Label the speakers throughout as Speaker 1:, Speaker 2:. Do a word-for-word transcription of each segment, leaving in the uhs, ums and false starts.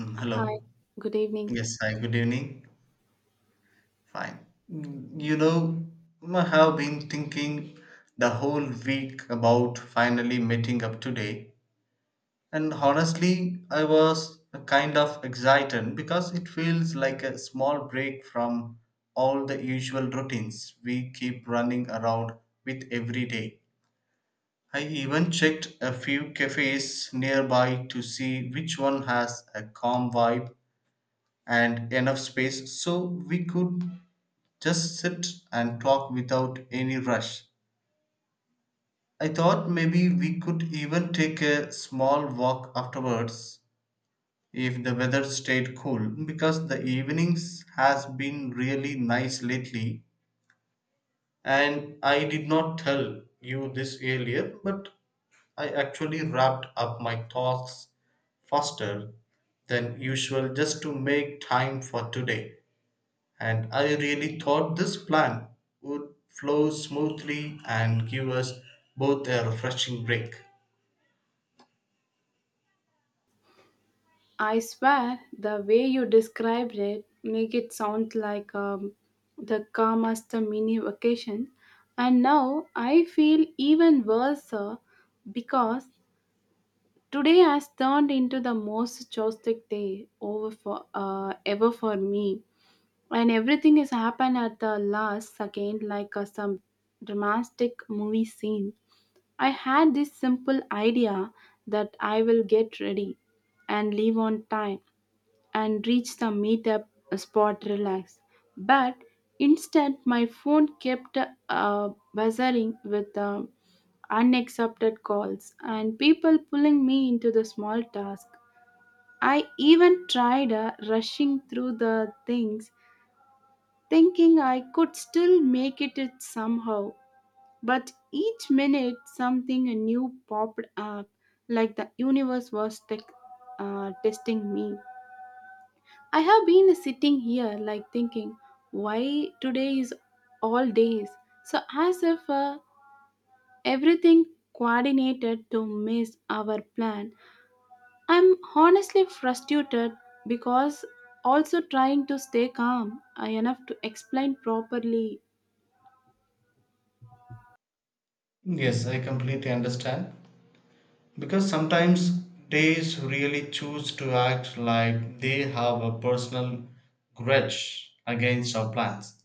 Speaker 1: Mm, hello.
Speaker 2: Hi, good evening.
Speaker 1: Yes, hi, good evening. Fine. Mm, You know, I have been thinking the whole week about finally meeting up today. And honestly, I was kind of excited because it feels like a small break from all the usual routines we keep running around with every day. I even checked a few cafes nearby to see which one has a calm vibe and enough space so we could just sit and talk without any rush. I thought maybe we could even take a small walk afterwards if the weather stayed cool because the evenings has been really nice lately, and I did not tell you this earlier, but I actually wrapped up my thoughts faster than usual just to make time for today. And I really thought this plan would flow smoothly and give us both a refreshing break.
Speaker 2: I swear the way you described it make it sound like um, the calmest mini vacation. And now I feel even worse sir, because today has turned into the most chaotic day over for uh, ever for me. And everything has happened at the last second like uh, some dramatic movie scene. I had this simple idea that I will get ready and leave on time and reach the meetup spot relaxed. But instead, my phone kept uh, buzzing with uh, unaccepted calls and people pulling me into the small task. I even tried uh, rushing through the things, thinking I could still make it it somehow. But each minute, something new popped up, like the universe was tec- uh, testing me. I have been sitting here, like thinking, why today is all days? So, as if uh, everything coordinated to miss our plan. I'm honestly frustrated because also trying to stay calm uh, enough to explain properly.
Speaker 1: Yes, I completely understand. Because sometimes days really choose to act like they have a personal grudge against our plans.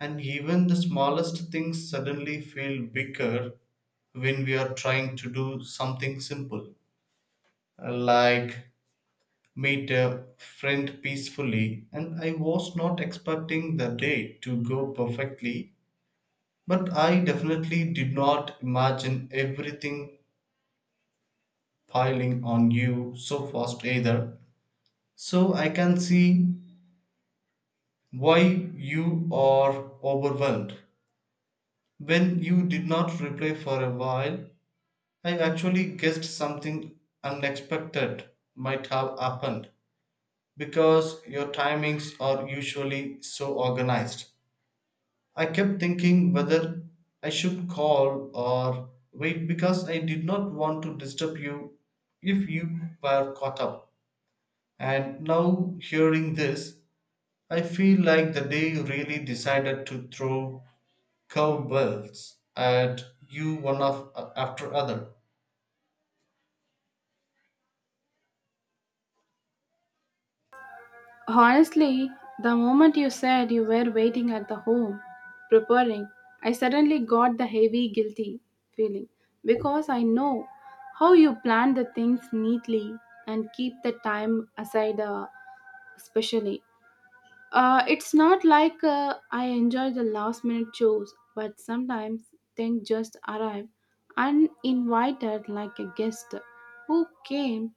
Speaker 1: And even the smallest things suddenly feel bigger when we are trying to do something simple, Uh, like Made a friend peacefully, and I was not expecting the day to go perfectly, but I definitely did not imagine everything piling on you so fast either. So I can see why you are overwhelmed. When you did not reply for a while, I actually guessed something unexpected might have happened because your timings are usually so organized. I kept thinking whether I should call or wait because I did not want to disturb you if you were caught up. And now, hearing this, I feel like the day really decided to throw cowbells at you one of, after other.
Speaker 2: Honestly, the moment you said you were waiting at the home, preparing, I suddenly got the heavy guilty feeling because I know how you plan the things neatly and keep the time aside, uh, especially. Uh, it's not like uh, I enjoy the last minute chores, but sometimes things just arrive uninvited like a guest who came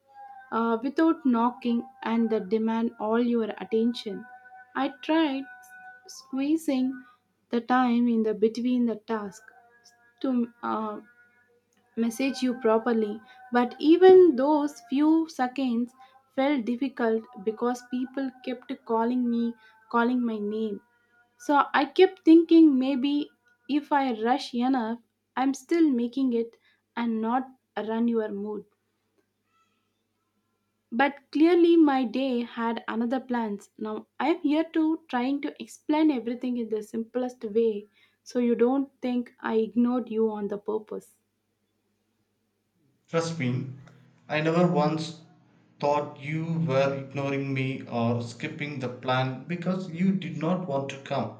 Speaker 2: uh, without knocking and that demand all your attention. I tried squeezing the time in the between the task to uh, message you properly, but even those few seconds felt difficult because people kept calling me, calling my name. So I kept thinking maybe if I rush enough, I'm still making it and not run your mood. But clearly my day had another plans. Now I am here to trying to explain everything in the simplest way so you don't think I ignored you on the purpose.
Speaker 1: Trust me, I never once thought you were ignoring me or skipping the plan because you did not want to come,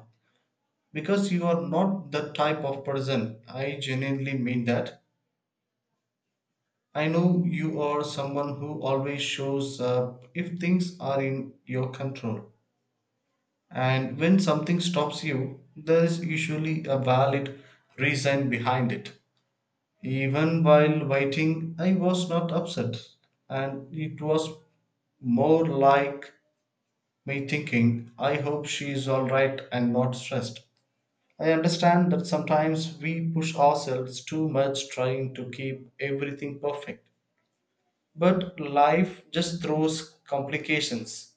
Speaker 1: because you are not that type of person. I genuinely mean that. I know you are someone who always shows up if things are in your control. And when something stops you, there is usually a valid reason behind it. Even while waiting, I was not upset, and it was more like me thinking, I hope she is alright and not stressed. I understand that sometimes we push ourselves too much trying to keep everything perfect. But life just throws complications.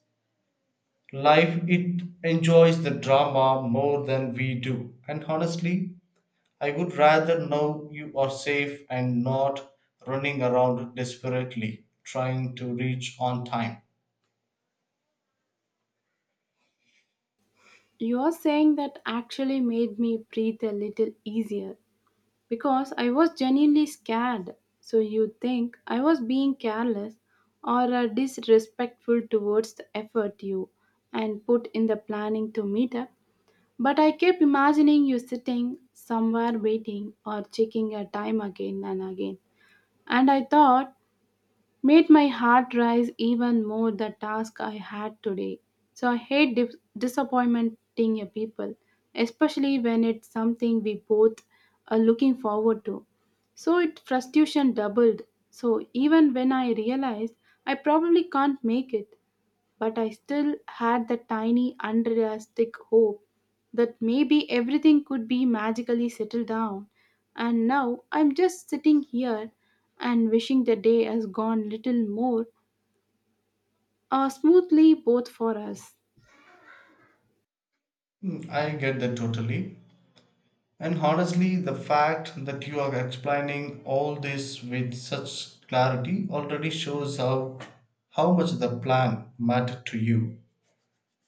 Speaker 1: Life, it enjoys the drama more than we do. And honestly, I would rather know you are safe and not running around desperately trying to reach on time.
Speaker 2: Your saying that actually made me breathe a little easier because I was genuinely scared. So you think I was being careless or uh, disrespectful towards the effort you and put in the planning to meet up. But I kept imagining you sitting somewhere waiting or checking your time again and again. And I thought made my heart rise even more the task I had today. So I hate dis- disappointing your people, especially when it's something we both are looking forward to. So it frustration doubled. So even when I realized I probably can't make it, but I still had the tiny, unrealistic hope that maybe everything could be magically settled down. And now I'm just sitting here and wishing the day has gone little more uh, smoothly both for us.
Speaker 1: Hmm, I get that totally. And honestly, the fact that you are explaining all this with such clarity already shows how, how much the plan mattered to you.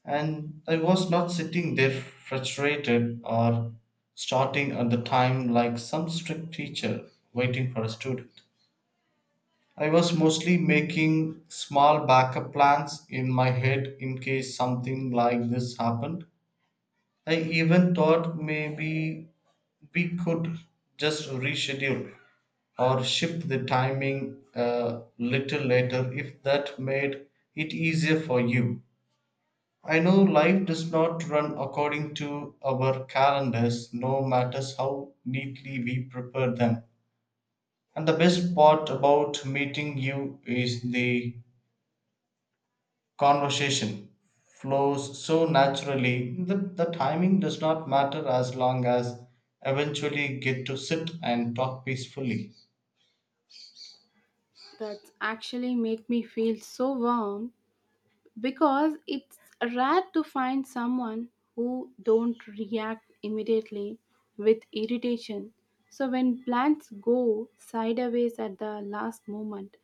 Speaker 1: And I was not sitting there frustrated or starting at the time like some strict teacher waiting for a student. I was mostly making small backup plans in my head in case something like this happened. I even thought maybe we could just reschedule or shift the timing a little later if that made it easier for you. I know life does not run according to our calendars, no matter how neatly we prepare them. And the best part about meeting you is the conversation flows so naturally that the timing does not matter as long as eventually get to sit and talk peacefully.
Speaker 2: That's actually make me feel so warm because it's rare to find someone who don't react immediately with irritation. So when plans go sideways at the last moment,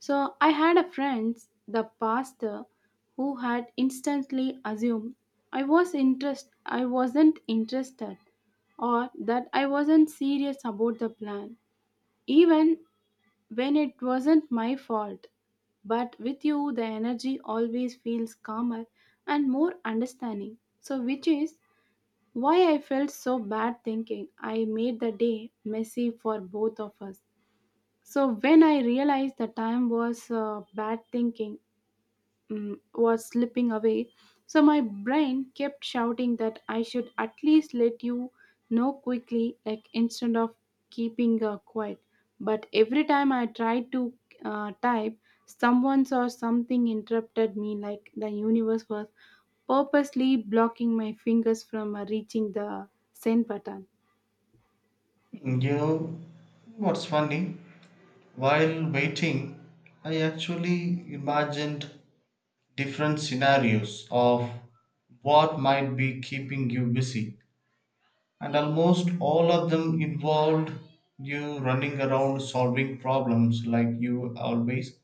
Speaker 2: so I had a friend, the pastor, who had instantly assumed I was interest I wasn't interested or that I wasn't serious about the plan, even when it wasn't my fault. But with you, the energy always feels calmer and more understanding. So, which is why I felt so bad thinking I made the day messy for both of us. So, when I realized the time was uh, bad thinking, mm, was slipping away, so my brain kept shouting that I should at least let you know quickly, like instead of keeping uh, quiet. But every time I tried to uh, type, someone or something interrupted me, like the universe was purposely blocking my fingers from uh, reaching the send button.
Speaker 1: You know what's funny? While waiting, I actually imagined different scenarios of what might be keeping you busy, and almost all of them involved you running around solving problems like you always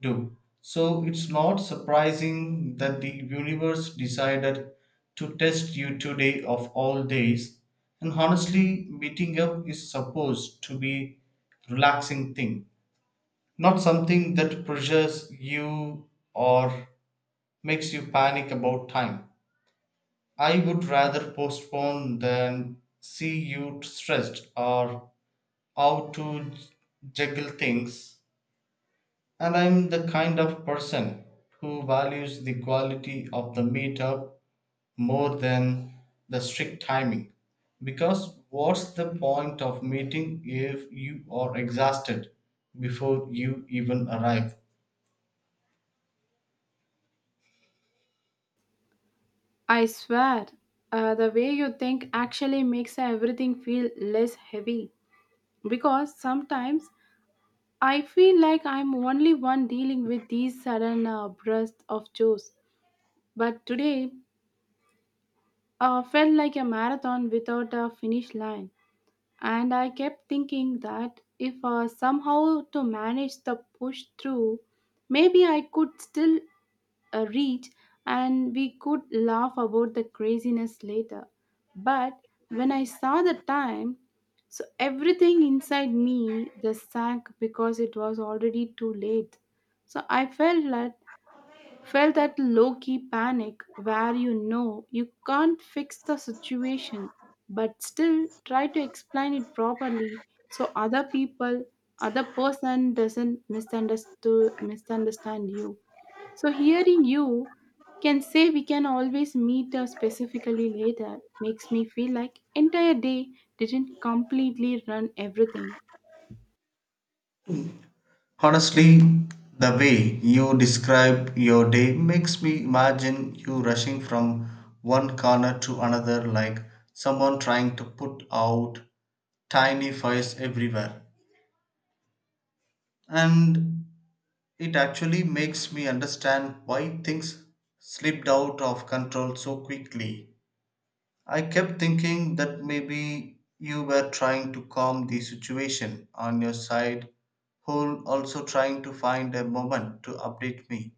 Speaker 1: do. So it's not surprising that the universe decided to test you today of all days. And honestly, meeting up is supposed to be relaxing thing, not something that pressures you or makes you panic about time. I would rather postpone than see you stressed or how to juggle things. And I'm the kind of person who values the quality of the meetup more than the strict timing. Because what's the point of meeting if you are exhausted before you even arrive?
Speaker 2: I swear, uh, the way you think actually makes everything feel less heavy because sometimes I feel like I'm only one dealing with these sudden uh, bursts of joys. But today uh, felt like a marathon without a finish line. And I kept thinking that if uh, somehow to manage the push through, maybe I could still uh, reach and we could laugh about the craziness later. But when I saw the time, so everything inside me the sank because it was already too late. So I felt that felt that low key panic where you know you can't fix the situation but still try to explain it properly so other people other person doesn't misunderstood misunderstand you, so hearing you can say we can always meet uh, specifically later makes me feel like entire day didn't completely run everything.
Speaker 1: Honestly, the way you describe your day makes me imagine you rushing from one corner to another like someone trying to put out tiny fires everywhere. And it actually makes me understand why things slipped out of control so quickly. I kept thinking that maybe you were trying to calm the situation on your side, whole also trying to find a moment to update me,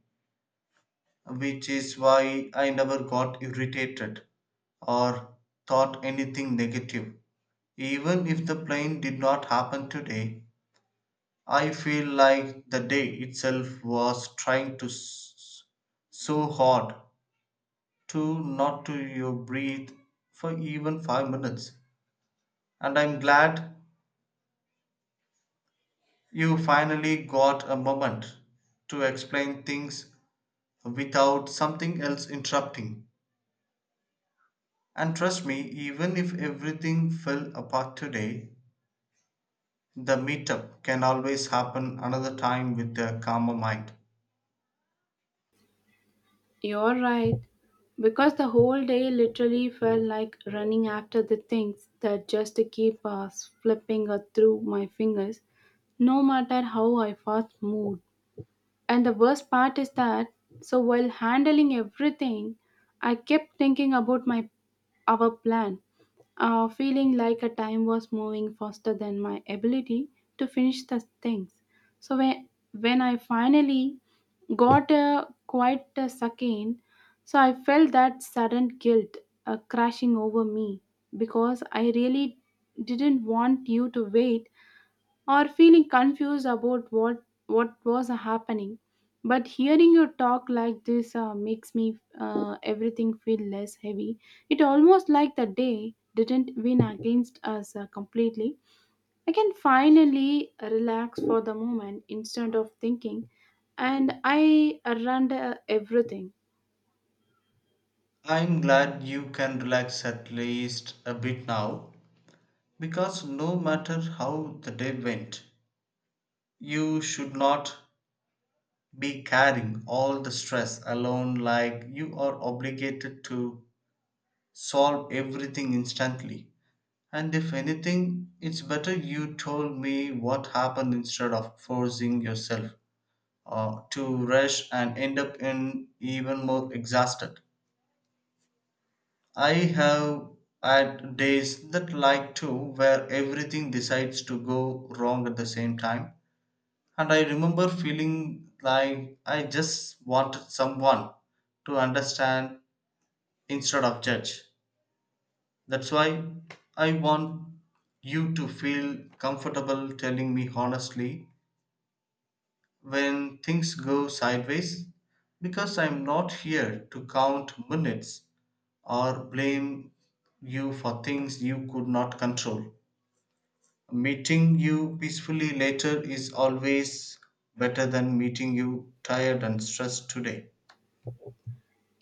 Speaker 1: which is why I never got irritated or thought anything negative. Even if the plane did not happen today, I feel like the day itself was trying to s- so hard to not to you breathe for even five minutes. And I'm glad you finally got a moment to explain things without something else interrupting. And trust me, even if everything fell apart today, the meetup can always happen another time with a calmer mind.
Speaker 2: You're right. Because the whole day literally felt like running after the things that just keep uh, flipping uh, through my fingers, no matter how I fast moved. And the worst part is that, so while handling everything, I kept thinking about my our plan, uh, feeling like a time was moving faster than my ability to finish the things. So when, when I finally got a, quite a second, so I felt that sudden guilt uh, crashing over me because I really didn't want you to wait or feeling confused about what what was happening, but hearing you talk like this uh, makes me uh, everything feel less heavy. It almost like the day didn't win against us uh, completely. I can finally relax for the moment instead of thinking and I run everything.
Speaker 1: I'm glad you can relax at least a bit now. Because no matter how the day went, you should not be carrying all the stress alone like you are obligated to solve everything instantly. And if anything, it's better you told me what happened instead of forcing yourself uh, to rush and end up in even more exhausted. I have had days that like too where everything decides to go wrong at the same time. And I remember feeling like I just wanted someone to understand instead of judge. That's why I want you to feel comfortable telling me honestly when things go sideways because I'm not here to count minutes or blame you for things you could not control. Meeting you peacefully later is always better than meeting you tired and stressed today.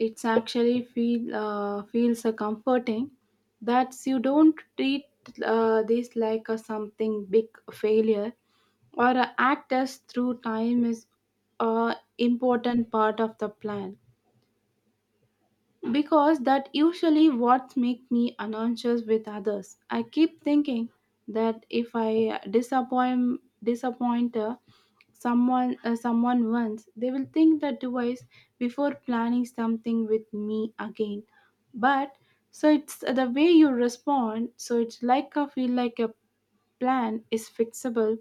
Speaker 2: It's actually feel uh, feels uh, comforting that you don't treat uh, this like a something big failure or uh, act as through time is a important part of the plan, because that usually what make me anxious with others. I keep thinking that if I disappoint disappoint her, someone uh, someone once, they will think that twice before planning something with me again. But so it's the way you respond, so it's like I feel like a plan is fixable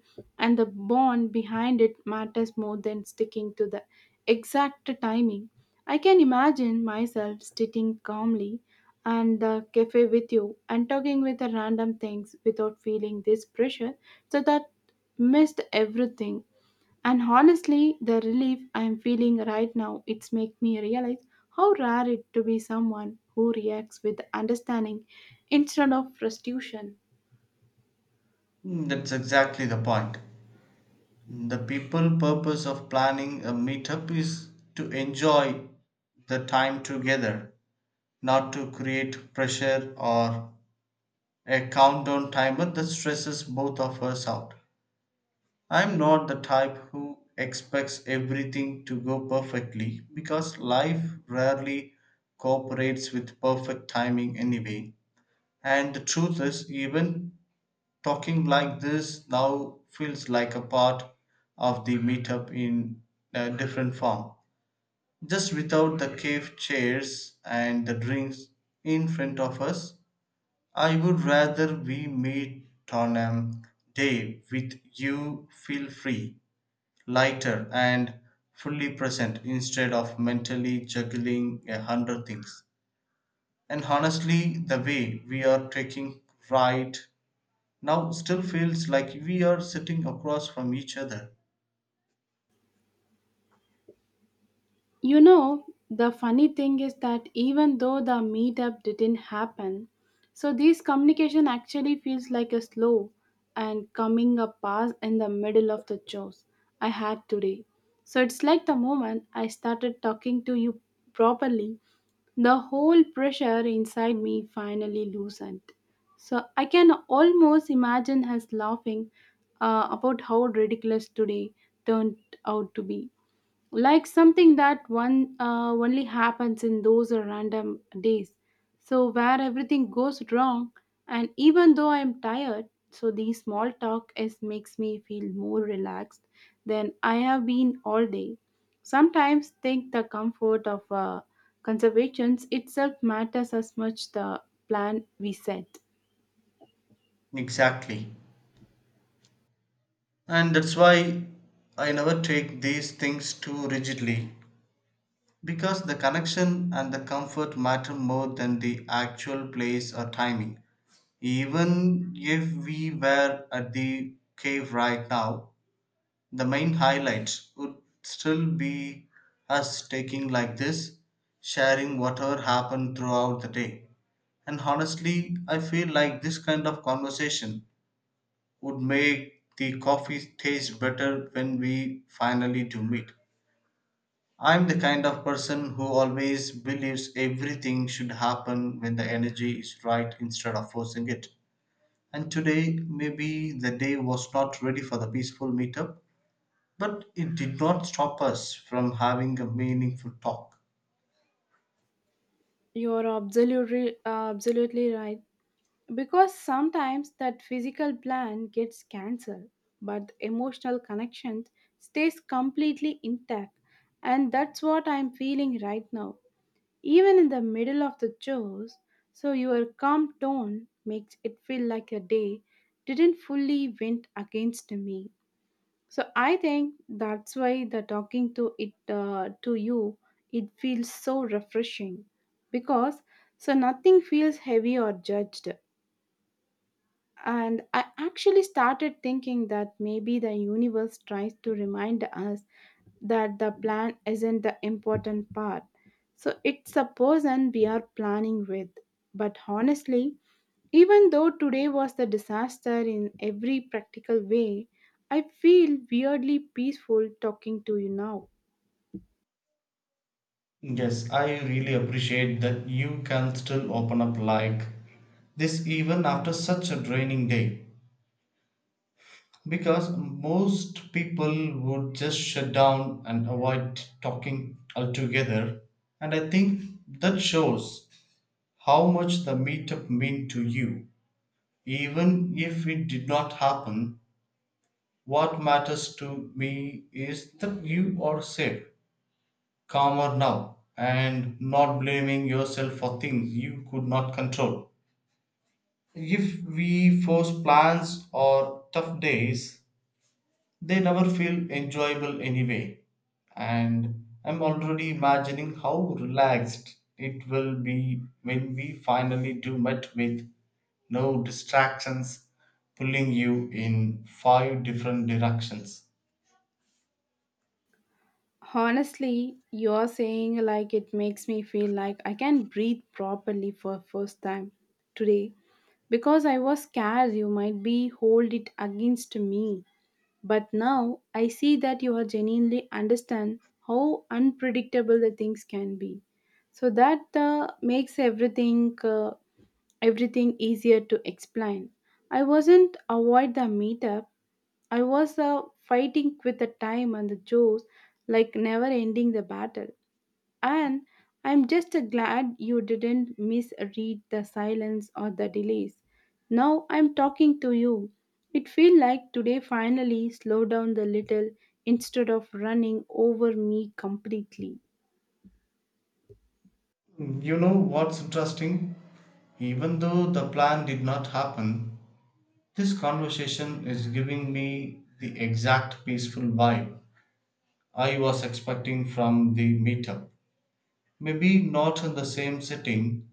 Speaker 2: and the bond behind it matters more than sticking to the exact timing. I can imagine myself sitting calmly and the cafe with you and talking with the random things without feeling this pressure so that missed everything. And honestly the relief I am feeling right now, it's make me realize how rare it to be someone who reacts with understanding instead of frustration.
Speaker 1: Mm, that's exactly the point. The people purpose of planning a meetup is to enjoy the time together, not to create pressure or a countdown timer that stresses both of us out. I'm not the type who expects everything to go perfectly because life rarely cooperates with perfect timing anyway. And the truth is, even talking like this now feels like a part of the meetup in a different form, just without the cave chairs and the drinks in front of us. I would rather we meet on a day with you feel free, lighter, and fully present instead of mentally juggling a hundred things. And honestly, the way we are taking right now still feels like we are sitting across from each other.
Speaker 2: You know, the funny thing is that even though the meetup didn't happen, so this communication actually feels like a slow and coming up pass in the middle of the chores I had today. So it's like the moment I started talking to you properly, the whole pressure inside me finally loosened. So I can almost imagine us laughing uh, about how ridiculous today turned out to be, like something that one uh, only happens in those random days, so where everything goes wrong. And even though I'm tired, so the small talk is makes me feel more relaxed than I have been all day. Sometimes think the comfort of uh, conservations itself matters as much the plan we set.
Speaker 1: Exactly. And that's why I never take these things too rigidly. Because the connection and the comfort matter more than the actual place or timing. Even if we were at the cave right now, the main highlight would still be us taking like this, sharing whatever happened throughout the day. And honestly, I feel like this kind of conversation would make the coffee taste better when we finally do meet. I'm the kind of person who always believes everything should happen when the energy is right instead of forcing it. And today, maybe the day was not ready for the peaceful meetup, but it did not stop us from having a meaningful talk.
Speaker 2: You're absolutely uh, absolutely right. Because sometimes that physical plan gets cancelled, but the emotional connection stays completely intact. And that's what I'm feeling right now, even in the middle of the chores. So your calm tone makes it feel like a day didn't fully went against me. So I think that's why the talking to it uh, to you, it feels so refreshing because so nothing feels heavy or judged. And I actually started thinking that maybe the universe tries to remind us that the plan isn't the important part. So it's a person we are planning with. But honestly, even though today was the disaster in every practical way, I feel weirdly peaceful talking to you now.
Speaker 1: Yes, I really appreciate that you can still open up like this even after such a draining day. Because most people would just shut down and avoid talking altogether. And I think that shows how much the meetup meant to you. Even if it did not happen, what matters to me is that you are safe, calmer now and not blaming yourself for things you could not control. If we force plans or tough days, they never feel enjoyable anyway. And I'm already imagining how relaxed it will be when we finally do meet with no distractions pulling you in five different directions.
Speaker 2: Honestly, you're saying like it makes me feel like I can breathe properly for first time today. Because I was scared you might be hold it against me. But now I see that you are genuinely understand how unpredictable the things can be. So that uh, makes everything uh, everything easier to explain. I wasn't avoid the meetup. I was uh, fighting with the time and the chores, like never ending the battle. And I'm just glad you didn't misread the silence or the delays. Now I'm talking to you. It feels like today finally slowed down a little instead of running over me completely.
Speaker 1: You know what's interesting? Even though the plan did not happen, this conversation is giving me the exact peaceful vibe I was expecting from the meetup. Maybe not in the same setting,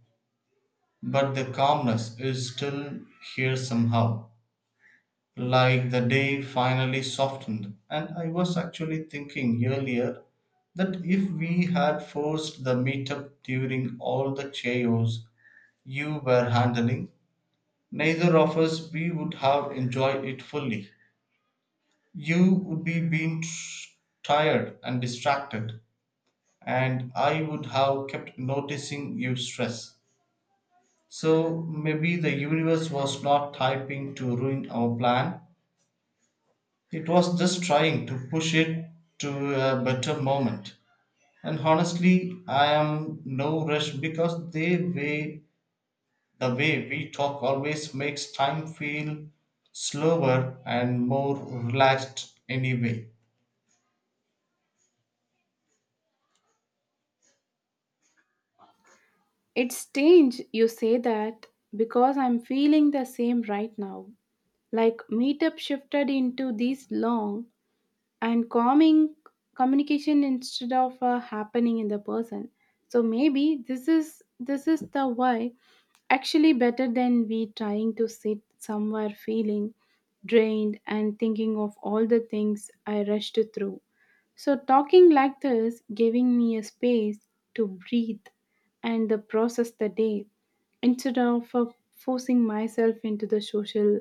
Speaker 1: but the calmness is still here somehow. Like the day finally softened. And I was actually thinking earlier that if we had forced the meetup during all the chaos you were handling, neither of us we would have enjoyed it fully. You would be being tr- tired and distracted, and I would have kept noticing you stress. So maybe the universe was not typing to ruin our plan. It was just trying to push it to a better moment. And honestly, I am no rush because the way the way we talk always makes time feel slower and more relaxed anyway.
Speaker 2: It's strange you say that because I'm feeling the same right now. Like meetup shifted into these long and calming communication instead of uh, happening in the person. So maybe this is this is the why actually better than we trying to sit somewhere feeling drained and thinking of all the things I rushed through. So talking like this giving me a space to breathe and the process the day instead of uh, forcing myself into the social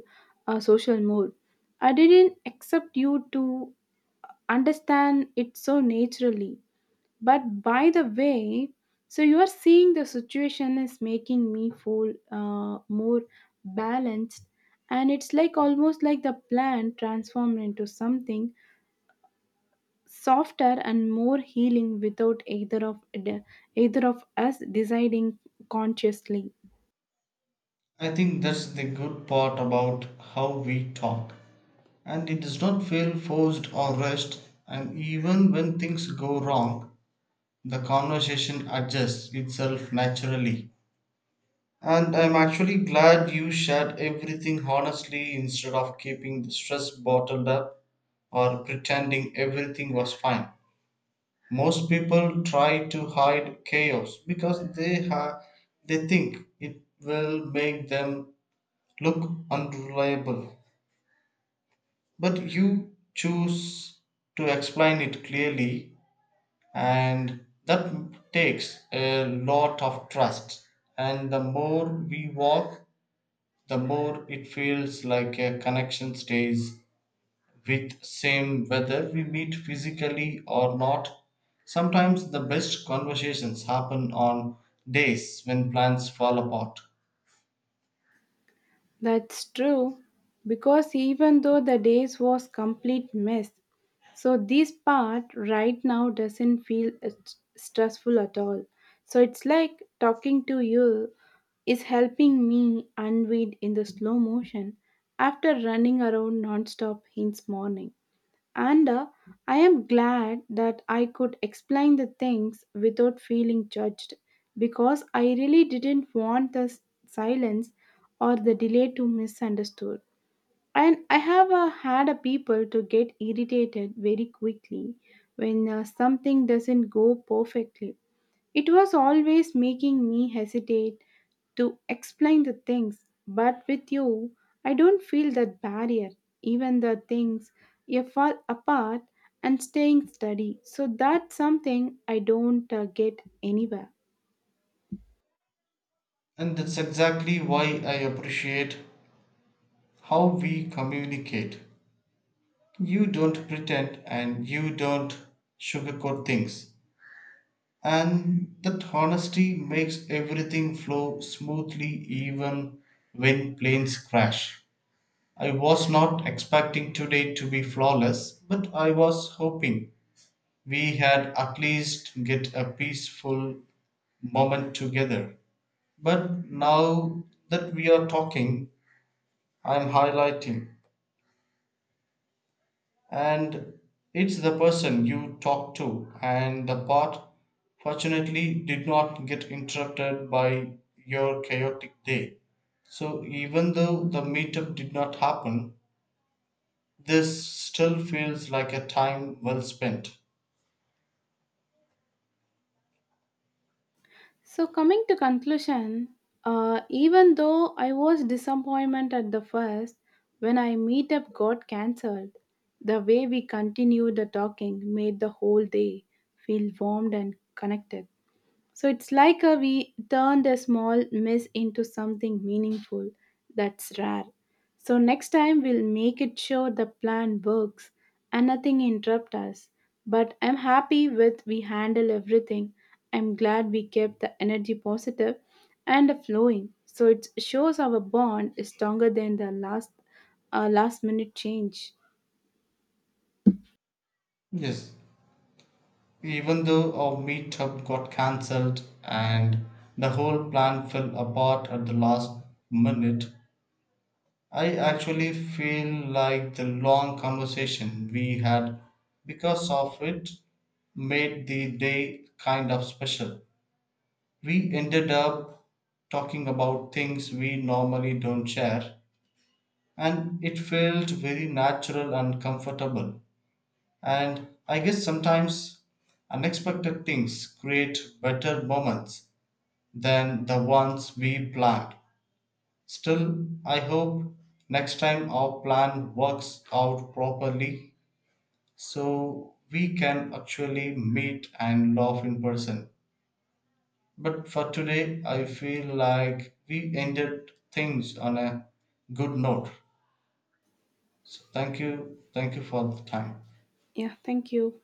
Speaker 2: uh, social mode. I didn't accept you to understand it so naturally. But by the way, so you are seeing the situation is making me feel uh, more balanced, and it's like almost like the plant transformed into something softer and more healing without either of either of us deciding consciously.
Speaker 1: I think that's the good part about how we talk. And it does not feel forced or rushed, and even when things go wrong, the conversation adjusts itself naturally. And I'm actually glad you shared everything honestly instead of keeping the stress bottled up or pretending everything was fine. Most people try to hide chaos because they ha- they think it will make them look unreliable. But you choose to explain it clearly, and that takes a lot of trust. And the more we walk, the more it feels like a connection stays with same whether we meet physically or not. Sometimes the best conversations happen on days when plans fall apart.
Speaker 2: That's true, because even though the days was complete mess, so this part right now doesn't feel uh, st- stressful at all. So it's like talking to you is helping me unwind in the slow motion after running around non-stop since morning. And uh, I am glad that I could explain the things without feeling judged because I really didn't want the s- silence or the delay to misunderstood. And I have uh, had a people to get irritated very quickly when uh, something doesn't go perfectly. It was always making me hesitate to explain the things, but with you, I don't feel that barrier. Even the things you fall apart and staying steady. So that's something I don't uh, get anywhere.
Speaker 1: And that's exactly why I appreciate how we communicate. You don't pretend and you don't sugarcoat things. And that honesty makes everything flow smoothly even when planes crash. I was not expecting today to be flawless, but I was hoping we had at least get a peaceful moment together. But now that we are talking, I'm highlighting, and it's the person you talk to and the part fortunately did not get interrupted by your chaotic day. So even though the meetup did not happen, this still feels like a time well spent.
Speaker 2: So coming to conclusion, uh, even though I was disappointment at the first when I meet up got cancelled, the way we continued the talking made the whole day feel warmed and connected. So it's like a, we turned a small miss into something meaningful. That's rare. So next time we'll make it sure the plan works and nothing interrupt us. But I'm happy with we handle everything. I'm glad we kept the energy positive and flowing. So it shows our bond is stronger than the last uh, last minute change.
Speaker 1: Yes, even though our meetup got cancelled and the whole plan fell apart at the last minute, I actually feel like the long conversation we had because of it made the day kind of special. We ended up talking about things we normally don't share, and it felt very natural and comfortable. And I guess sometimes unexpected things create better moments than the ones we planned. Still, I hope next time our plan works out properly so we can actually meet and laugh in person. But for today, I feel like we ended things on a good note. So, thank you. Thank you for the time.
Speaker 2: Yeah, thank you.